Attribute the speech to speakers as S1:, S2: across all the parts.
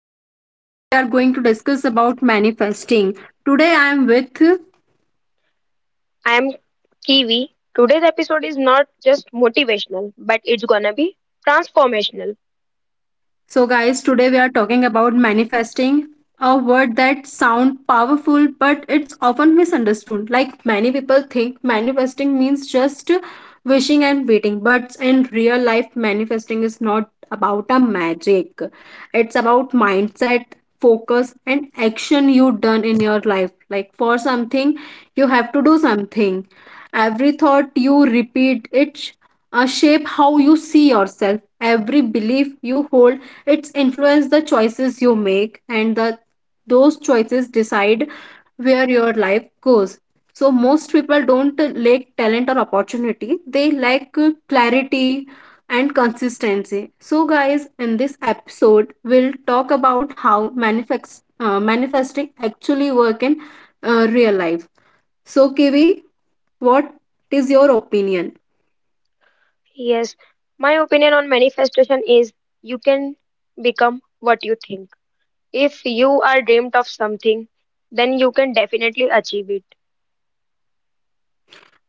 S1: Julie and today we are going to discuss about manifesting. Today I am with.
S2: I am Kiwi. Today's episode is not just motivational, but it's gonna be transformational.
S1: So, guys, today we are talking about manifesting, a word that sounds powerful but it's often misunderstood. Like many people think manifesting means just wishing and waiting, but in real life, manifesting is not about a magic. It's about mindset, focus, and action you done in your life. Like for something, you have to do something. Every thought you repeat, it shape how you see yourself. Every belief you hold, it's influence the choices you make, and the those choices decide where your life goes. So most people don't lack talent or opportunity; they lack clarity and consistency. So, guys, in this episode, we'll talk about how manifesting actually work in real life. So, Kiwi, what is your opinion?
S2: Yes, my opinion on manifestation is you can become what you think. If you are dreamed of something, then you can definitely achieve it.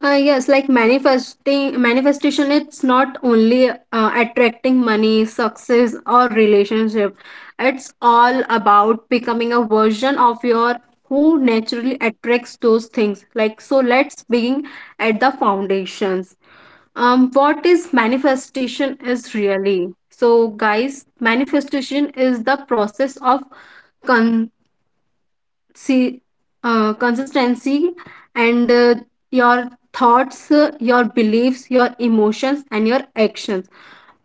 S1: Yes, like manifestation, it's not only attracting money, success, or relationship. It's all about becoming a version of your who naturally attracts those things. Like, so let's begin at the foundations. What is manifestation is really? So, guys, manifestation is the process of see consistency and your thoughts, your beliefs, your emotions, and your actions.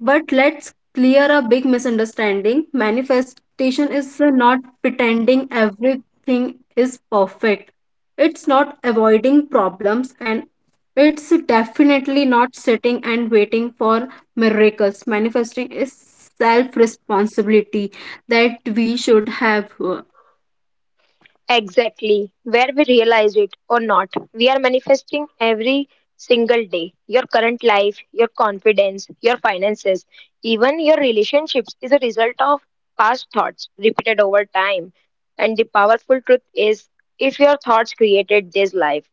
S1: But let's clear a big misunderstanding. Manifestation is not pretending everything is perfect, it's not avoiding problems, and it's definitely not sitting and waiting for miracles. Manifesting is self responsibility that we should have.
S2: Exactly, where we realize it or not, we are manifesting every single day. Your current life, your confidence, your finances, even your relationships is a result of past thoughts repeated over time. And the powerful truth is if your thoughts created this life,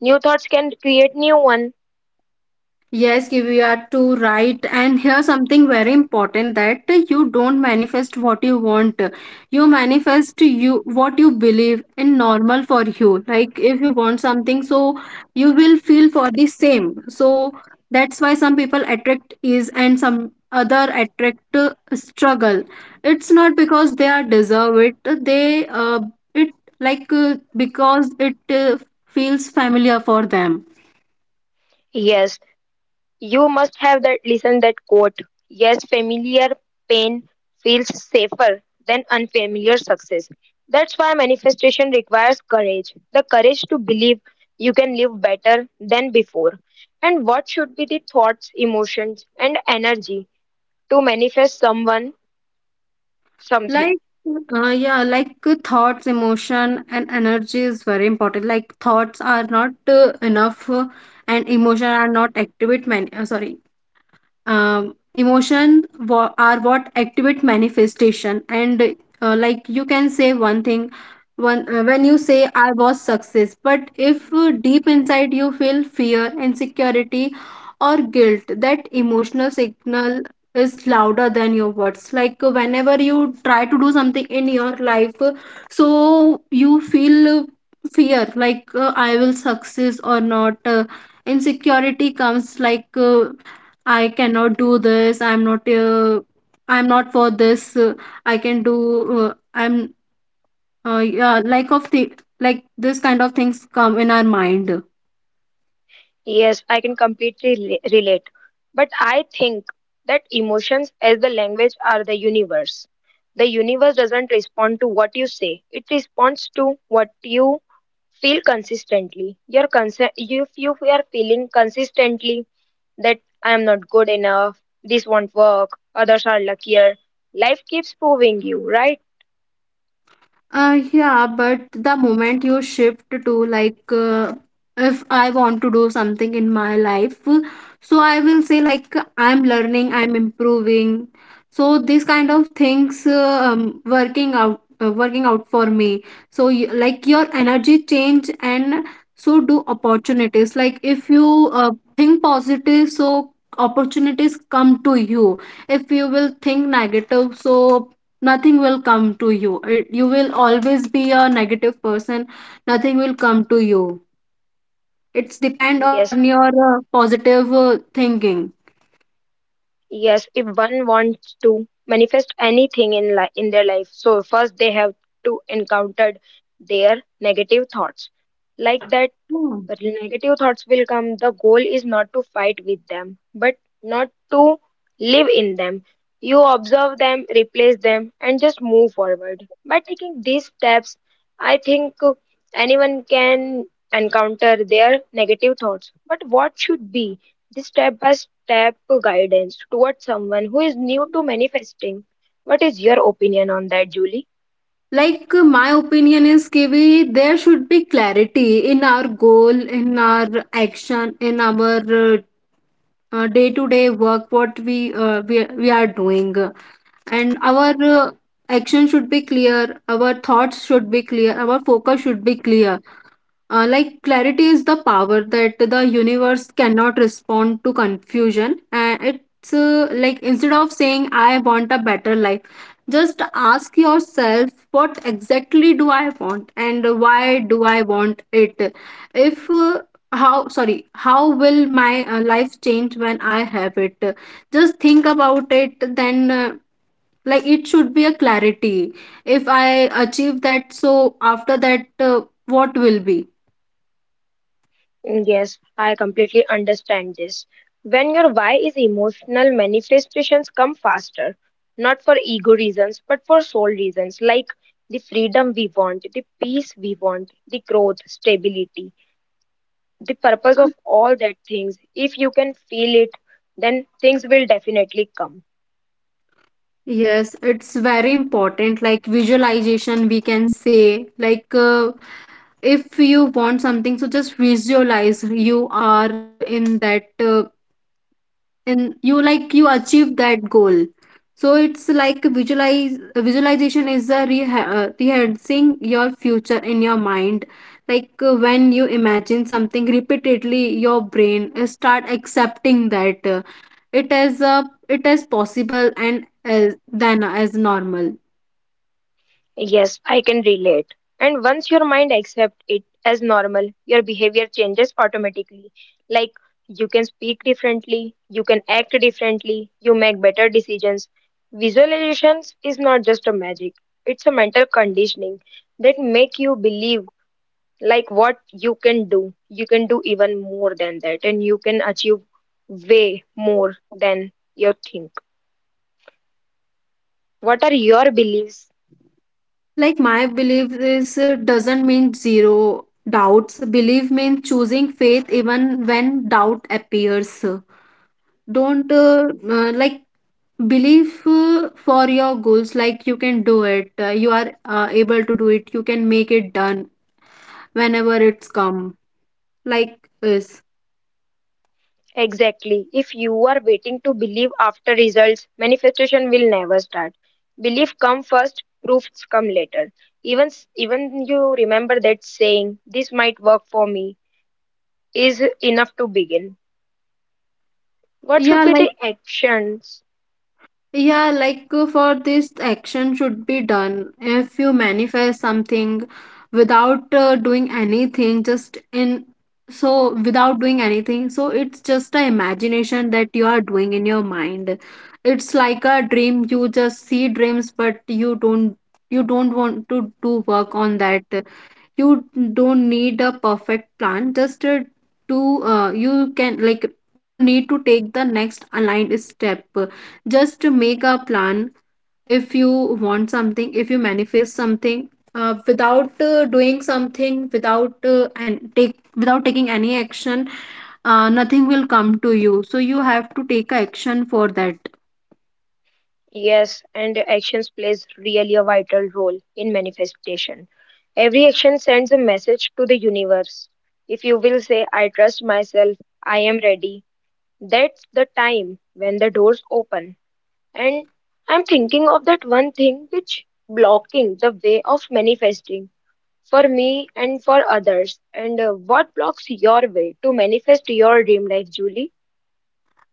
S2: new thoughts can create new one.
S1: Yes, you are too right. And here's something very important that you don't manifest what you want. You manifest you what you believe in normal for you. Like if you want something, so you will feel for the same. So that's why some people attract ease and some other attract struggle. It's not because they are deserve it. They it like Because it feels familiar for them.
S2: Yes, you must have that listened that quote. Yes, familiar pain feels safer than unfamiliar success. That's why manifestation requires courage. The courage to believe you can live better than before. And what should be the thoughts, emotions, and energy to manifest someone something?
S1: Like, yeah, like thoughts, emotion, and energy is very important. Like, thoughts are not enough, and emotion are not activate many. Sorry, are what activate manifestation. And Like you can say one thing, one when you say I was success, but if deep inside you feel fear, insecurity, or guilt, that emotional signal is louder than your words. Like whenever you try to do something in your life, so you feel fear, like I will success or not. Insecurity comes, like I cannot do this. I'm not. I'm not for this. I can do. I'm. Yeah, like this kind of things come in our mind.
S2: Yes, I can completely relate. But I think that emotions as the language are the universe. The universe doesn't respond to what you say. It responds to what you feel consistently. If you are feeling consistently that I am not good enough, this won't work, others are luckier, life keeps proving you, right?
S1: Yeah, but the moment you shift to, like, if I want to do something in my life, so I will say like I'm learning, I'm improving. So these kind of things working out for me. So like your energy change and so do opportunities. Like if you think positive, so opportunities come to you. If you will think negative, so nothing will come to you. You will always be a negative person, nothing will come to you. It's depend on
S2: Yes,
S1: your positive thinking.
S2: yes, if one wants to manifest anything in their life, so first they have to encounter their negative thoughts. Like that
S1: Hmm.
S2: but negative thoughts will come. The goal is not to fight with them, but not to live in them. You observe them, replace them, and just move forward. By taking these steps, I think anyone can encounter their negative thoughts. But what should be the step by step guidance towards someone who is new to manifesting? What is your opinion on that, Julie?
S1: Like my opinion is, Kiwi, there should be clarity in our goal, in our action, in our uh, day to day work, what we are doing, and our uh, action should be clear, our thoughts should be clear, our focus should be clear. Like clarity is the power that the universe cannot respond to confusion, and it's like instead of saying I want a better life, just ask yourself, what exactly do I want and why do I want it? If how sorry How will my life change when I have it? Just think about it. Then Like it should be a clarity. If I achieve that, so after that, what will be?
S2: Yes, I completely understand this. When your why is emotional, manifestations come faster, not for ego reasons, but for soul reasons, like the freedom we want, the peace we want, the growth, stability, the purpose of all that things. If you can feel it, then things will definitely come.
S1: Yes, it's very important. Like visualization, we can say, like, if you want something, so just visualize you are in that, in you like you achieve that goal. So it's like visualize visualization is a rehearsing your future in your mind. Like when you imagine something repeatedly, your brain start accepting that it is possible and than as normal.
S2: Yes, I can relate. And once your mind accepts it as normal, your behavior changes automatically. Like you can speak differently, you can act differently, you make better decisions. Visualizations is not just a magic, it's a mental conditioning that make you believe like what you can do. You can do even more than that and you can achieve way more than you think. What are your beliefs?
S1: Like my belief is doesn't mean zero doubts. Belief means choosing faith even when doubt appears. Don't believe for your goals, like you can do it, you are able to do it, you can make it done whenever it's come. Like is.
S2: Exactly. If you are waiting to believe after results, manifestation will never start. Belief come first, proofs come later. Even you remember that saying, this might work for me is enough to begin. What should
S1: yeah
S2: be
S1: like
S2: the actions?
S1: Yeah, like for this, action should be done. If you manifest something without doing anything, just in so without doing anything, so it's just a imagination that you are doing in your mind. It's like a dream. You just see dreams, but you don't want to do work on that. You don't need a perfect plan, just to you can, like, you need to take the next aligned step, just to make a plan. If you want something, if you manifest something without doing something, without and take without taking any action, nothing will come to you. So you have to take action for that.
S2: Yes, and actions plays really a vital role in manifestation. Every action sends a message to the universe. If you will say, I trust myself, I am ready, that's the time when the doors open. And I'm thinking of that one thing which blocking the way of manifesting for me and for others. And what blocks your way to manifest your dream life, Julie?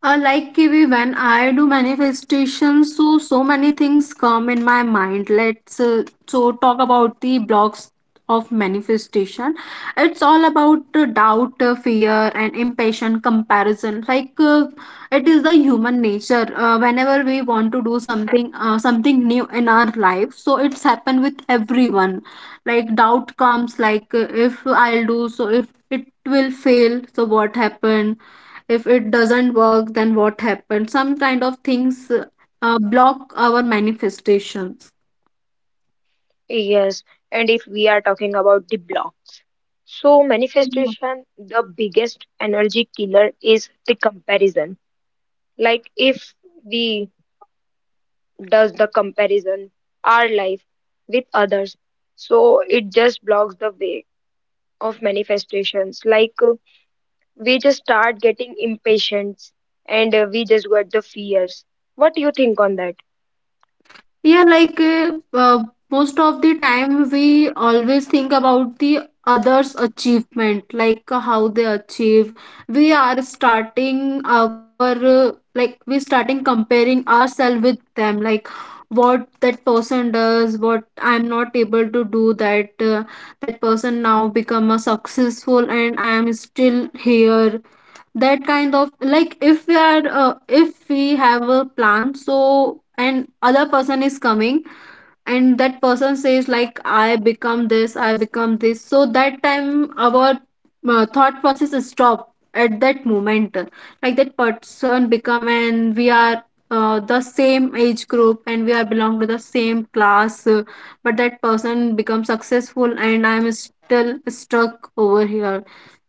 S1: Like, Kiwi, when I do manifestation, so so many things come in my mind. Let's talk about the blocks of manifestation. It's all about doubt, fear, and impatient comparison. Like it is the human nature. Whenever we want to do something, something new in our life, so it's happened with everyone. Like doubt comes, like if I'll do, so if it will fail, so what happened? If it doesn't work, then what happened? Some kind of things block our manifestations.
S2: Yes. And if we are talking about the blocks. So, manifestation, the biggest energy killer is the comparison. Like, if we does the comparison our life with others, so it just blocks the way of manifestations. Like, we just start getting impatient, and we just get the fears. What do you think on that?
S1: Yeah, like most of the time we always think about the others' achievement, like how they achieve. We starting comparing ourselves with them, like what that person does, what I'm not able to do. That person now become a successful, and I am still here. That kind of, like, if we are if we have a plan, so, and other person is coming and that person says like I become this. So that time our thought process is stopped at that moment. Like that person become and we are the same age group and we are belong to the same class, but that person become successful and I'm still stuck over here.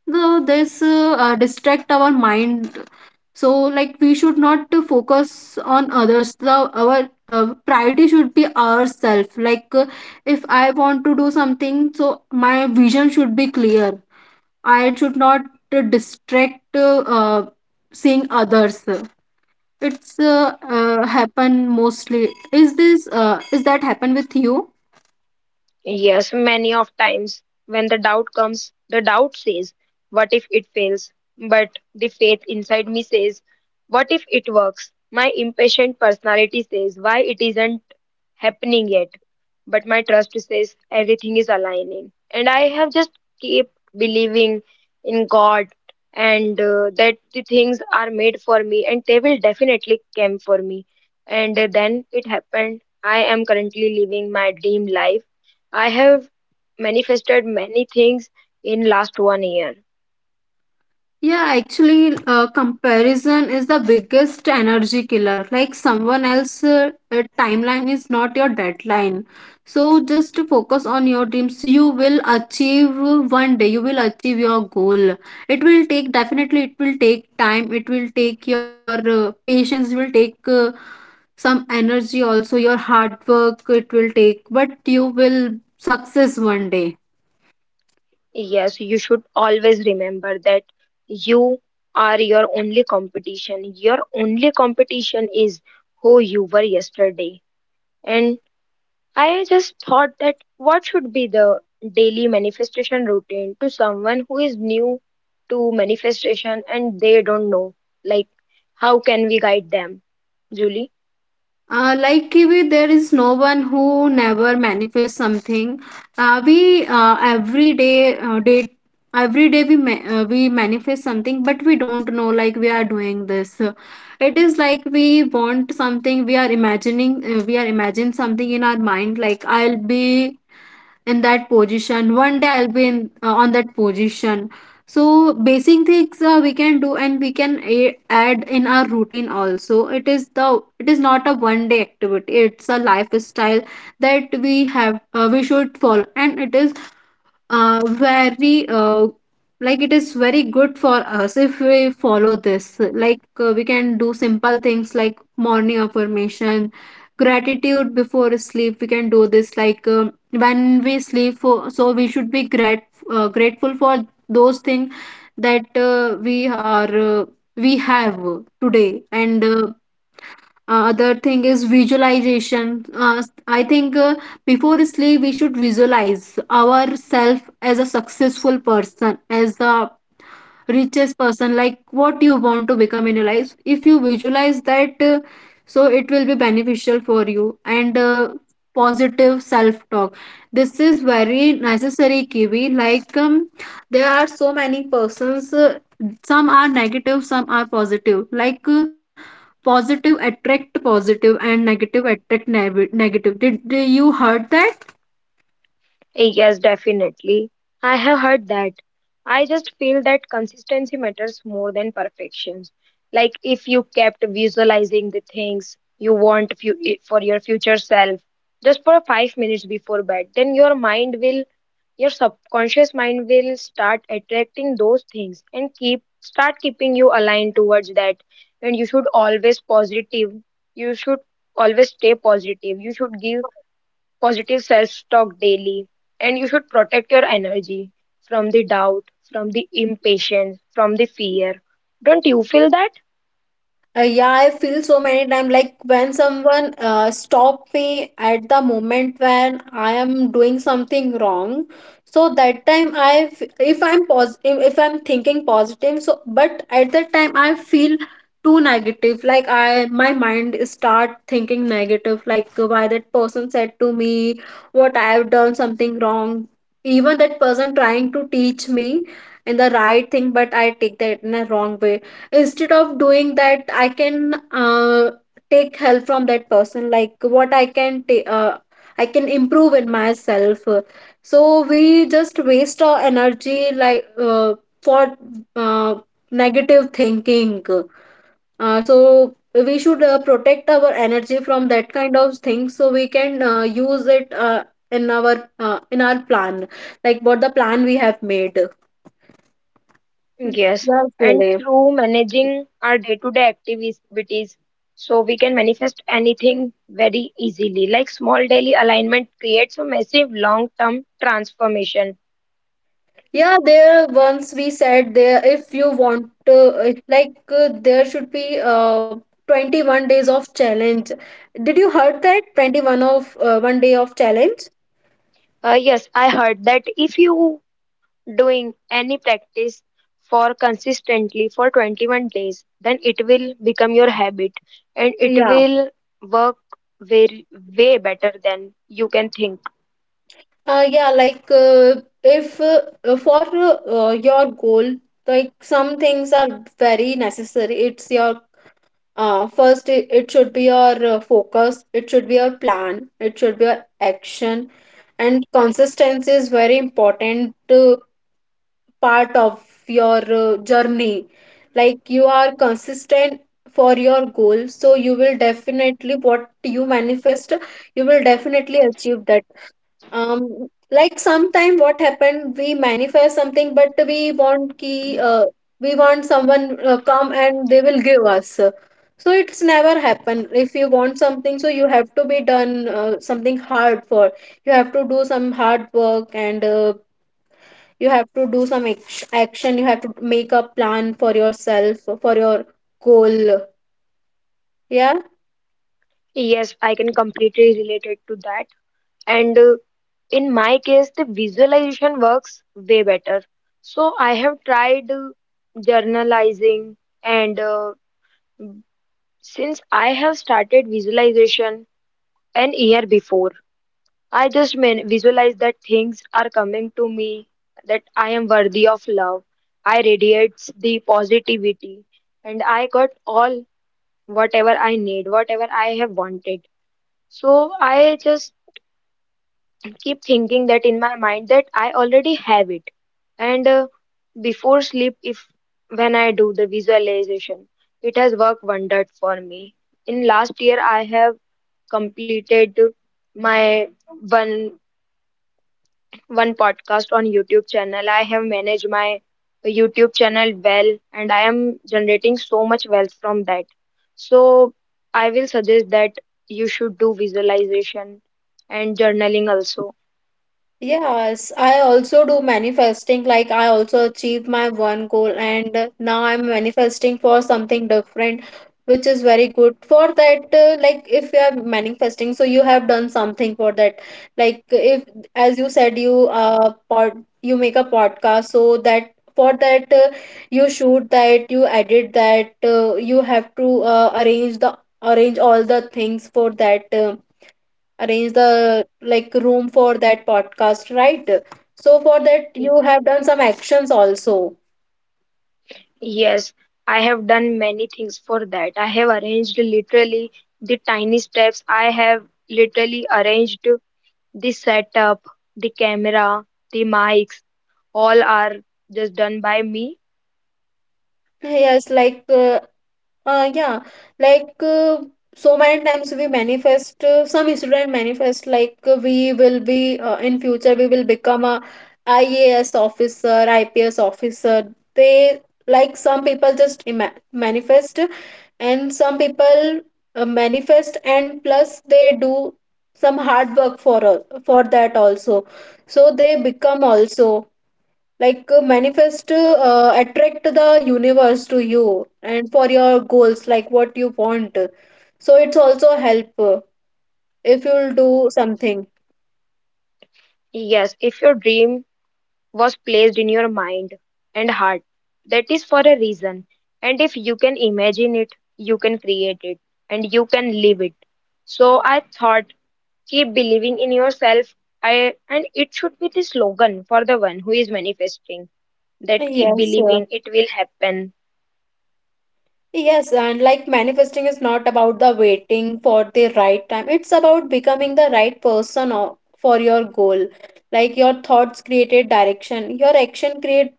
S1: No, this distract our mind. So, like we should not to focus on others. The Our priority should be ourself, like, if I want to do something, so my vision should be clear. I should not distract, seeing others. It's happen mostly. Is that happen with you?
S2: Yes, many of times when the doubt comes, the doubt says, what if it fails? But the faith inside me says, what if it works? My impatient personality says, why it isn't happening yet? But my trust says everything is aligning. And I have just kept believing in God and that the things are made for me and they will definitely come for me. And then it happened. I am currently living my dream life. I have manifested many things in last 1 year.
S1: Yeah, actually, comparison is the biggest energy killer. Like someone else's timeline is not your deadline. So just to focus on your dreams. You will achieve one day. You will achieve your goal. It will take definitely. It will take time. It will take your patience. Will take some energy also. Your hard work. It will take, but you will success one day.
S2: Yes, you should always remember that you are your only competition. Your only competition is who you were yesterday. And I just thought that what should be the daily manifestation routine to someone who is new to manifestation and they don't know? Like, how can we guide them, Julie?
S1: Like, Kiwi, there is no one who never manifests something. We every day, day, Every day we we manifest something, but we don't know like we are doing this. It is like we want something, we are imagining, we are imagine something in our mind. Like I'll be in that position one day, I'll be in, on that position. So basic things we can do and we can add in our routine also. It is the, it is not a one day activity, it's a lifestyle that we have, we should follow. And it is very like, it is very good for us if we follow this. Like we can do simple things like morning affirmation, gratitude before sleep. We can do this, like, when we sleep for, so we should be grateful for those things that we are, uh, we have today. And other thing is visualization. I think before sleep we should visualize ourselves as a successful person, as the richest person. Like what you want to become in your life. If you visualize that, so it will be beneficial for you. And positive self talk. This is very necessary, Kiwi. Like there are so many persons. Some are negative, some are positive. Like, positive attract positive and negative attract negative. Did you heard that?
S2: Yes, definitely. I have heard that. I just feel that consistency matters more than perfections. Like if you kept visualizing the things you want for your future self just for 5 minutes before bed, then your mind will, your subconscious mind will start attracting those things and keep start keeping you aligned towards that. And you should always positive. You should always stay positive. You should give positive self-talk daily, and you should protect your energy from the doubt, from the impatience, from the fear. Don't you feel that?
S1: Yeah, I feel so many times like when someone stop me at the moment when I am doing something wrong. So that time if I'm positive, if I'm thinking positive, so but at that time I feel too negative. Like my mind start thinking negative. Like why that person said to me, what I have done something wrong. Even that person trying to teach me in the right thing, but I take that in a wrong way instead of doing that I can take help from that person like what I can I can improve in myself, so we just waste our energy like for uh, negative thinking, so we should protect our energy from that kind of things so we can use it in our in our plan, like what the plan we have made.
S2: Yes,
S1: Yes,
S2: and
S1: really.
S2: through managing our day-to-day activities, so we can manifest anything very easily. Like small daily alignment creates a massive long-term transformation.
S1: Yeah, there once we said there if you want to like there should be 21 days of challenge. Did you heard that 21 of one day of challenge?
S2: Yes, I heard that if you doing any practice for consistently for 21 days, then it will become your habit and it
S1: Yeah.
S2: will work very way better than you can think.
S1: Yeah, like if for your goal, like some things are very necessary. It's your first, it should be your focus, it should be your plan, it should be your action, and consistency is very important. Part of your journey, like you are consistent for your goal, so you will definitely what you manifest you will definitely achieve that. um like sometime what happened, we manifest something, but we want ki, uh, we want someone come and they will give us. So it's never happen. If you want something, so you have to be done something hard for, you have to do some hard work, and you have to do some action, you have to make a plan for yourself for your goal. Yeah.
S2: Yes, I can completely relate it to that. And in my case, the visualization works way better. So I have tried journalizing, and since I have started visualization an year before, I just mean visualize that things are coming to me, that I am worthy of love. I radiates the positivity and I got all whatever I need, whatever I have wanted. So I just keep thinking that in my mind that I already have it. And before sleep, if when I do the visualization, it has worked wonders for me. In last year, I have completed my 1 one podcast on YouTube channel. I have managed my YouTube channel well and I am generating so much wealth from that. So I will suggest that you should do visualization and journaling also.
S1: Yes, I also do manifesting. Like, I also achieve my one goal, and now I'm manifesting for something different, which is very good. For that, like, if you are manifesting, so you have done something for that. Like, if, as you said, you you make a podcast, so that for that you shoot that, you edit that, you have to arrange the arrange all the things for that. Arrange the like room for that podcast, right? So for that
S2: Y-
S1: you have done some actions also.
S2: Yes, I have done many things for that. I have arranged literally the tiny steps. I have literally arranged the setup, the camera, the mics, all are just done by me.
S1: Yes, like Uh, yeah, like uh, so many times we manifest, some student manifest like we will be in future we will become a IAS officer, IPS officer. They, like some people just ima manifest, and some people manifest and plus they do some hard work for that also. So they become also. Like manifest, attract the universe to you and for your goals, like what you want. So it's also help if you'll do something.
S2: Yes, if your dream was placed in your mind and heart. That is for a reason. And if you can imagine it, you can create it and you can live it. So I thought, keep believing in yourself. I and it should be the slogan for the one who is manifesting that keep
S1: Yes.
S2: believing it will happen.
S1: Yes, and like manifesting is not about the waiting for the right time. It's about becoming the right for your goal. Like your thoughts created direction, your action create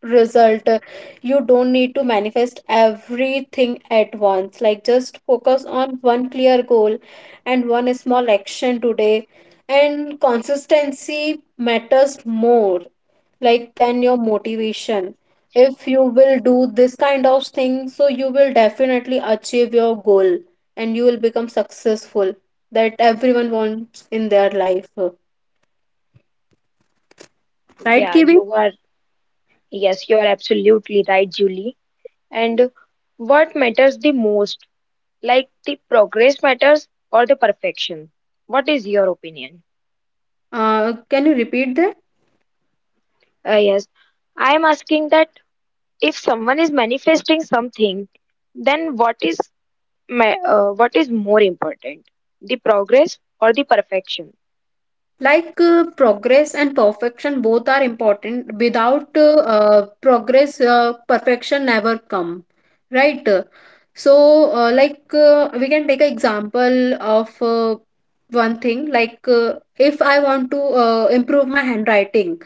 S1: result. You don't need to manifest everything at once. Like just focus on one clear goal and one small action today. And consistency matters more like than your motivation. If you will do this kind of thing, so you will definitely achieve your goal and you will become successful, that everyone wants in their life, right,
S2: Yeah,
S1: kibi?
S2: you are. Yes, you are absolutely right, Julie. And what matters the most, like the progress matters or the perfection? What is your opinion?
S1: Can you repeat that?
S2: Yes. I am asking that if someone is manifesting something, then what is more important, the progress or the perfection?
S1: Like, progress and perfection both are important. Without progress, perfection never come, right? So like we can take an example of one thing, like if I want to improve my handwriting,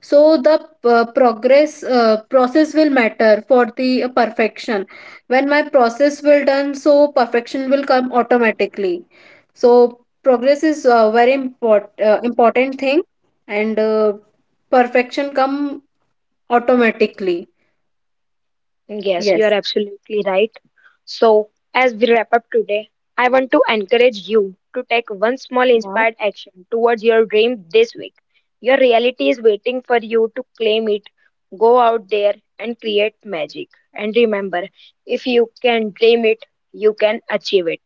S1: so the progress, process will matter for the perfection. When my process will done, so perfection will come automatically. So progress is a very important thing, and perfection come automatically.
S2: Yes, you are
S1: Yes.
S2: absolutely right. So, as we wrap up today, I want to encourage you to take one small
S1: Yeah.
S2: inspired action towards your dream this week. Your reality is waiting for you to claim it. Go out there and create magic. And remember, if you can dream it, you can achieve it.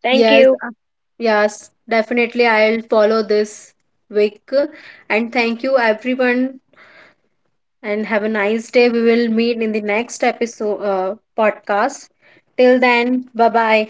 S2: Thank
S1: Yes,
S2: you.
S1: yes definitely I'll follow this week, and thank you everyone, and have a nice day. We will meet in the next episode podcast. Till then, bye bye.